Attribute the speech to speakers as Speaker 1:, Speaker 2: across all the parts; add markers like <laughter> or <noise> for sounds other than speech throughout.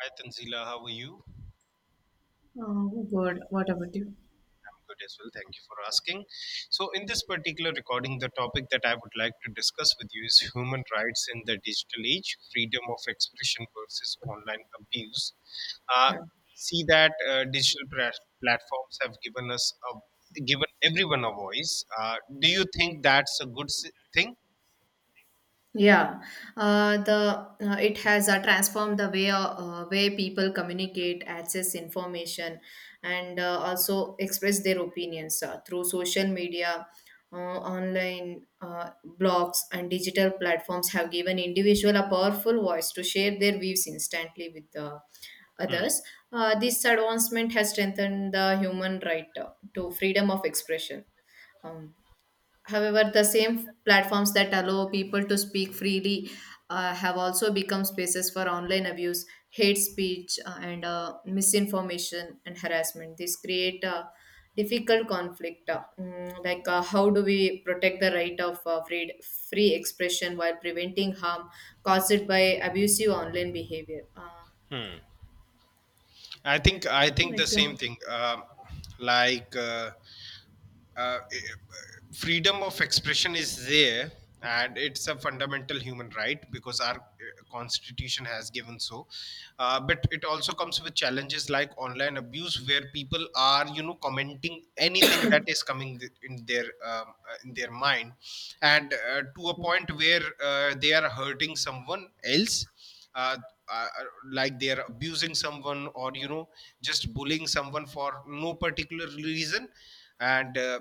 Speaker 1: Hi Tanzila, how are you? I'm
Speaker 2: Oh, good. What about you?
Speaker 1: good as well. Thank you for asking. So, in this particular recording, the topic that I would like to discuss with you is human rights in the digital age, freedom of expression versus online abuse. Uh,
Speaker 2: Yeah,
Speaker 1: See that digital platforms have given everyone a voice. Do you think that's a good thing?
Speaker 2: Yeah, the it has transformed the way way people communicate, access information, and also express their opinions through social media, online blogs, and digital platforms have given individual a powerful voice to share their views instantly with the
Speaker 1: Hmm.
Speaker 2: others. This advancement has strengthened the human right to freedom of expression. Um, However, the same platforms that allow people to speak freely have also become spaces for online abuse, hate speech, and misinformation and harassment. This create a difficult conflict. How do we protect the right of free expression while preventing harm caused by abusive online behavior?
Speaker 1: I think the
Speaker 2: Like, uh,
Speaker 1: same thing. Like. Uh, uh, Freedom of expression is there, and it's a fundamental human right because our constitution has given so, but it also comes with challenges like online abuse, where people are, you know, commenting anything that is coming in their mind and to a point where they are hurting someone else, uh, uh, like they're abusing someone, or you know, just bullying someone for no particular reason, and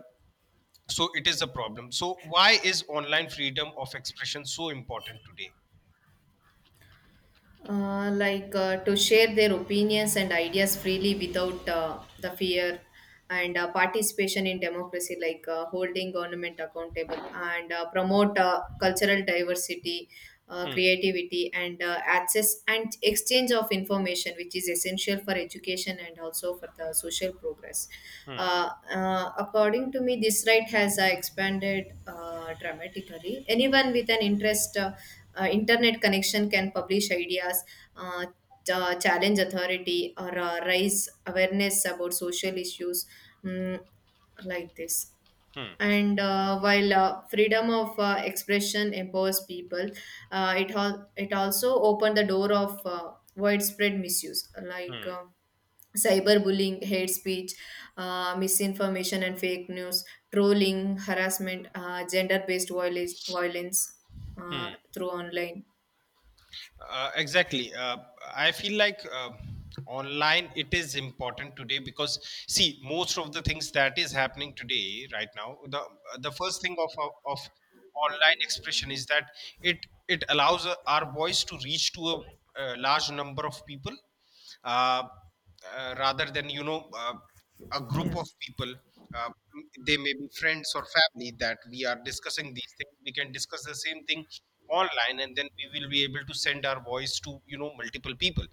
Speaker 1: so it is a problem. So why is online freedom of expression so important today?
Speaker 2: to share their opinions and ideas freely without the fear and participation in democracy, like holding government accountable and promote cultural diversity,
Speaker 1: Hmm.
Speaker 2: creativity, and access and exchange of information which is essential for education and also for the social progress.
Speaker 1: Hmm.
Speaker 2: uh, According to me, this right has expanded dramatically. Anyone with an interest, internet connection, can publish ideas, uh, challenge authority, or raise awareness about social issues, mm, like this.
Speaker 1: Hmm.
Speaker 2: And while freedom of expression empowers people, it also opened the door of widespread misuse, like
Speaker 1: Hmm.
Speaker 2: cyberbullying, hate speech, misinformation and fake news, trolling, harassment, gender based violence, violence
Speaker 1: Hmm.
Speaker 2: through online.
Speaker 1: Exactly. I feel like, online it is important today because, see, most of the things that is happening today right now. The first thing of online expression is that it it allows our voice to reach to a large number of people, uh, rather than, you know, a
Speaker 2: Yeah.
Speaker 1: group of people. Uh, they may be friends or family that we are discussing these things. We can discuss the same thing online, and then we will be able to send our voice to, you know, multiple people.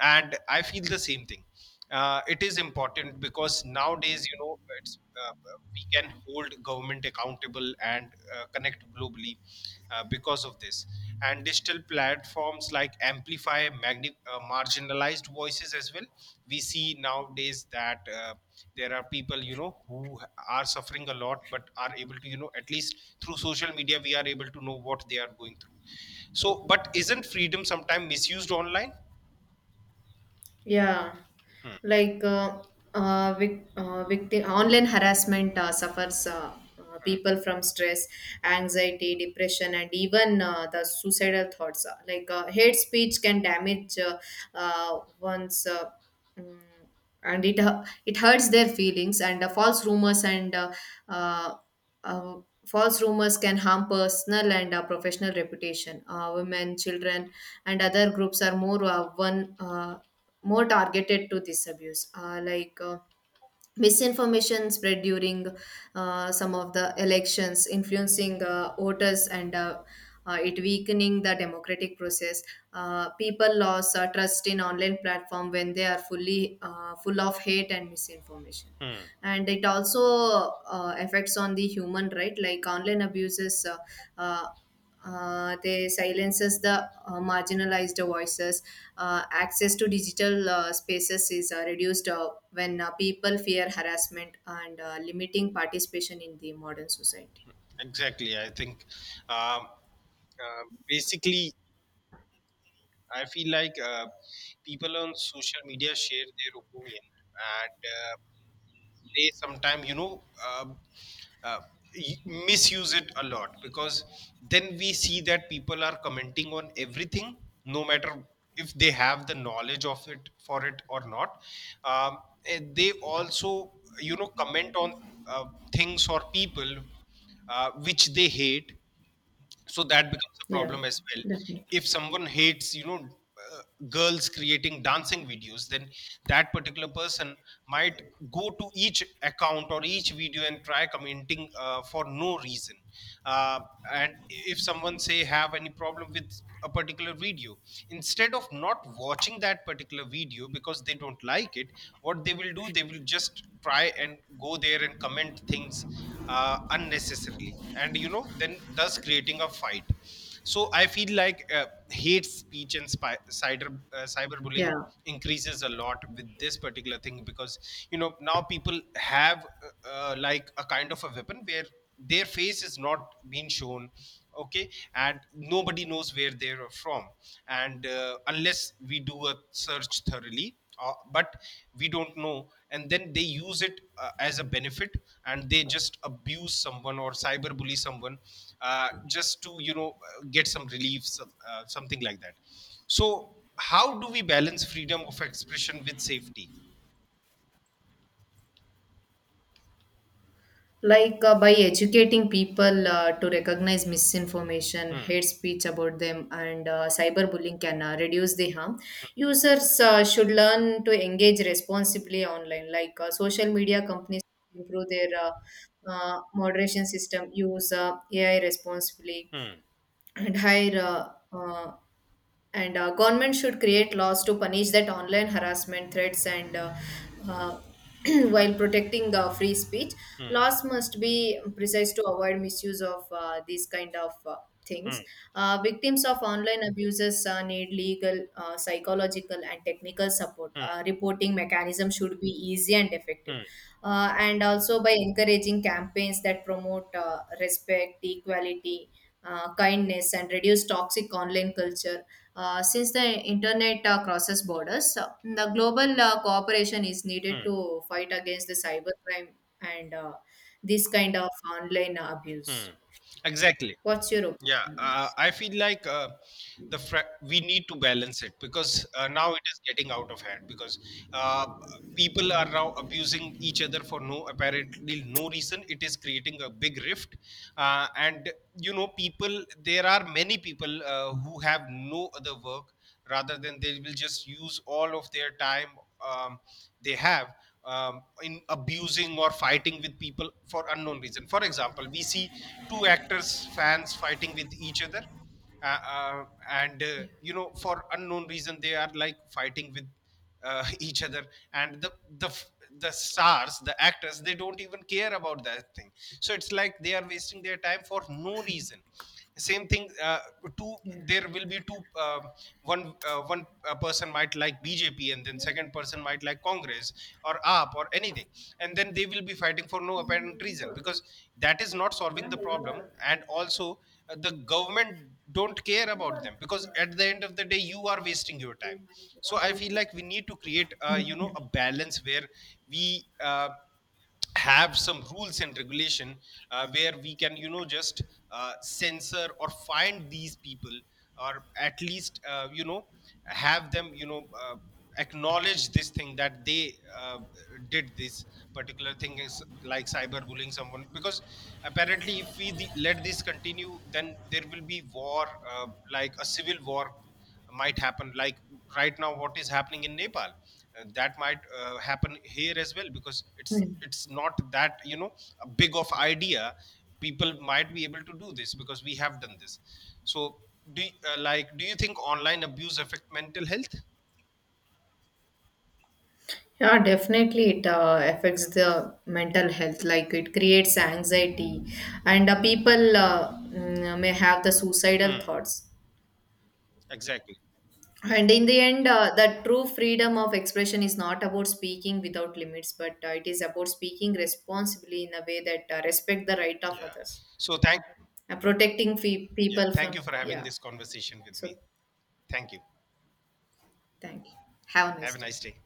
Speaker 1: And I feel the same thing. It is important because nowadays, you know, it's, uh, we can hold government accountable and connect globally because of this, and digital platforms like amplify marginalized voices as well. We see nowadays that, there are people, you know, who are suffering a lot but are able to, you know, at least through social media we are able to know what they are going through. So, but isn't freedom sometimes misused online?
Speaker 2: Yeah, like uh, Victim online harassment suffers, people from stress, anxiety, depression, and even the suicidal thoughts. Like hate speech can damage one's. Mm, and it hurts their feelings, and false rumors and uh, uh, false rumors can harm personal and professional reputation. Women, children, and other groups are more targeted to this abuse, misinformation spread during some of the elections, influencing voters, and it weakening the democratic process. People lost trust in online platform when they are fully full of hate and misinformation,
Speaker 1: Hmm.
Speaker 2: and it also affects on the human right. Like online abuses, uh, they silences the marginalized voices. Access to digital spaces is reduced when people fear harassment and limiting participation in the modern society.
Speaker 1: Exactly. I think, um, basically, I feel like, people on social media share their opinion, and they sometimes, uh, misuse it a lot, because then we see that people are commenting on everything, no matter if they have the knowledge of it for it or not. Um, and they also, you know, comment on uh, things or people which they hate, so that becomes a
Speaker 2: Yeah,
Speaker 1: problem as well.
Speaker 2: definitely.
Speaker 1: If someone hates, you know, uh, girls creating dancing videos, then that particular person might go to each account or each video and try commenting for no reason, uh, and if someone say have any problem with a particular video, instead of not watching that particular video because they don't like it, what they will do, they will just try and go there and comment things unnecessarily, and you know, then thus creating a fight. So I feel like, hate speech and cyberbullying
Speaker 2: Yeah.
Speaker 1: increases a lot with this particular thing, because you know, now people have like a kind of a weapon where their face is not being shown, okay, and nobody knows where they are from, and unless we do a search thoroughly, but we don't know, and then they use it as a benefit, and they just abuse someone or cyberbully someone, just to, you know, get some relief, some something like that. So how do we balance freedom of expression with safety?
Speaker 2: By educating people to recognize misinformation,
Speaker 1: Hmm.
Speaker 2: hate speech about them, and cyberbullying can reduce the harm. Users should learn to engage responsibly online. Like social media companies improve their moderation system, use AI responsibly
Speaker 1: Hmm.
Speaker 2: and hire and Government should create laws to punish that online harassment, threats, and uh, <clears throat> while protecting free speech.
Speaker 1: Hmm.
Speaker 2: Laws must be precise to avoid misuse of these kind of things.
Speaker 1: Hmm.
Speaker 2: Victims of online abuses need legal, psychological, and technical support.
Speaker 1: Hmm.
Speaker 2: Reporting mechanism should be easy and effective,
Speaker 1: Hmm.
Speaker 2: and also by encouraging campaigns that promote respect, equality, kindness, and reduce toxic online culture. Since the internet crosses borders, the global cooperation is needed
Speaker 1: Hmm.
Speaker 2: to fight against the cybercrime and this kind of online abuse.
Speaker 1: Hmm. Exactly.
Speaker 2: What's your
Speaker 1: Yeah,
Speaker 2: opinion on this?
Speaker 1: I feel like, we need to balance it, because now it is getting out of hand, because uh, people are now abusing each other for no apparently no reason. It is creating a big rift, and you know, people there are many people who have no other work, rather than they will just use all of their time, um, they have in abusing or fighting with people for unknown reason. For example, we see two actors' fans fighting with each other, and you know, for unknown reason they are like fighting with <laughs> each other, and the the stars, the actors, they don't even care about that thing. So it's like they are wasting their time for no reason. Same thing, two
Speaker 2: Yeah,
Speaker 1: there will be two, um, one one person might like BJP, and then second person might like Congress or AAP or anything, and then they will be fighting for no apparent reason, because that is not solving the problem. And also, the government don't care about them, because at the end of the day you are wasting your time. So I feel like we need to create, you know,
Speaker 2: definitely.
Speaker 1: a balance where we have some rules and regulation where we can, you know, just censor or find these people, or at least, you know, have them, you know, acknowledge this thing, that they did this particular thing is like cyberbullying someone, because apparently if we let this continue, then there will be war, uh, like a civil war might happen, like right now what is happening in Nepal. That might happen here as well, because it's
Speaker 2: Yeah.
Speaker 1: it's not that, you know, a big of idea people might be able to do this because we have done this. So like, do you think online abuse affect mental health?
Speaker 2: Yeah, definitely it affects the mental health. Like it creates anxiety, and people may have the suicidal
Speaker 1: Hmm.
Speaker 2: thoughts.
Speaker 1: Exactly.
Speaker 2: And in the end, the true freedom of expression is not about speaking without limits, but it is about speaking responsibly in a way that respect the right of
Speaker 1: Yeah,
Speaker 2: others
Speaker 1: so thank
Speaker 2: and protecting
Speaker 1: yeah,
Speaker 2: people
Speaker 1: thank
Speaker 2: from.
Speaker 1: you for having
Speaker 2: Yeah.
Speaker 1: this conversation with me.
Speaker 2: So
Speaker 1: Thank you.
Speaker 2: thank you. Have a nice
Speaker 1: Have a
Speaker 2: day.
Speaker 1: nice day.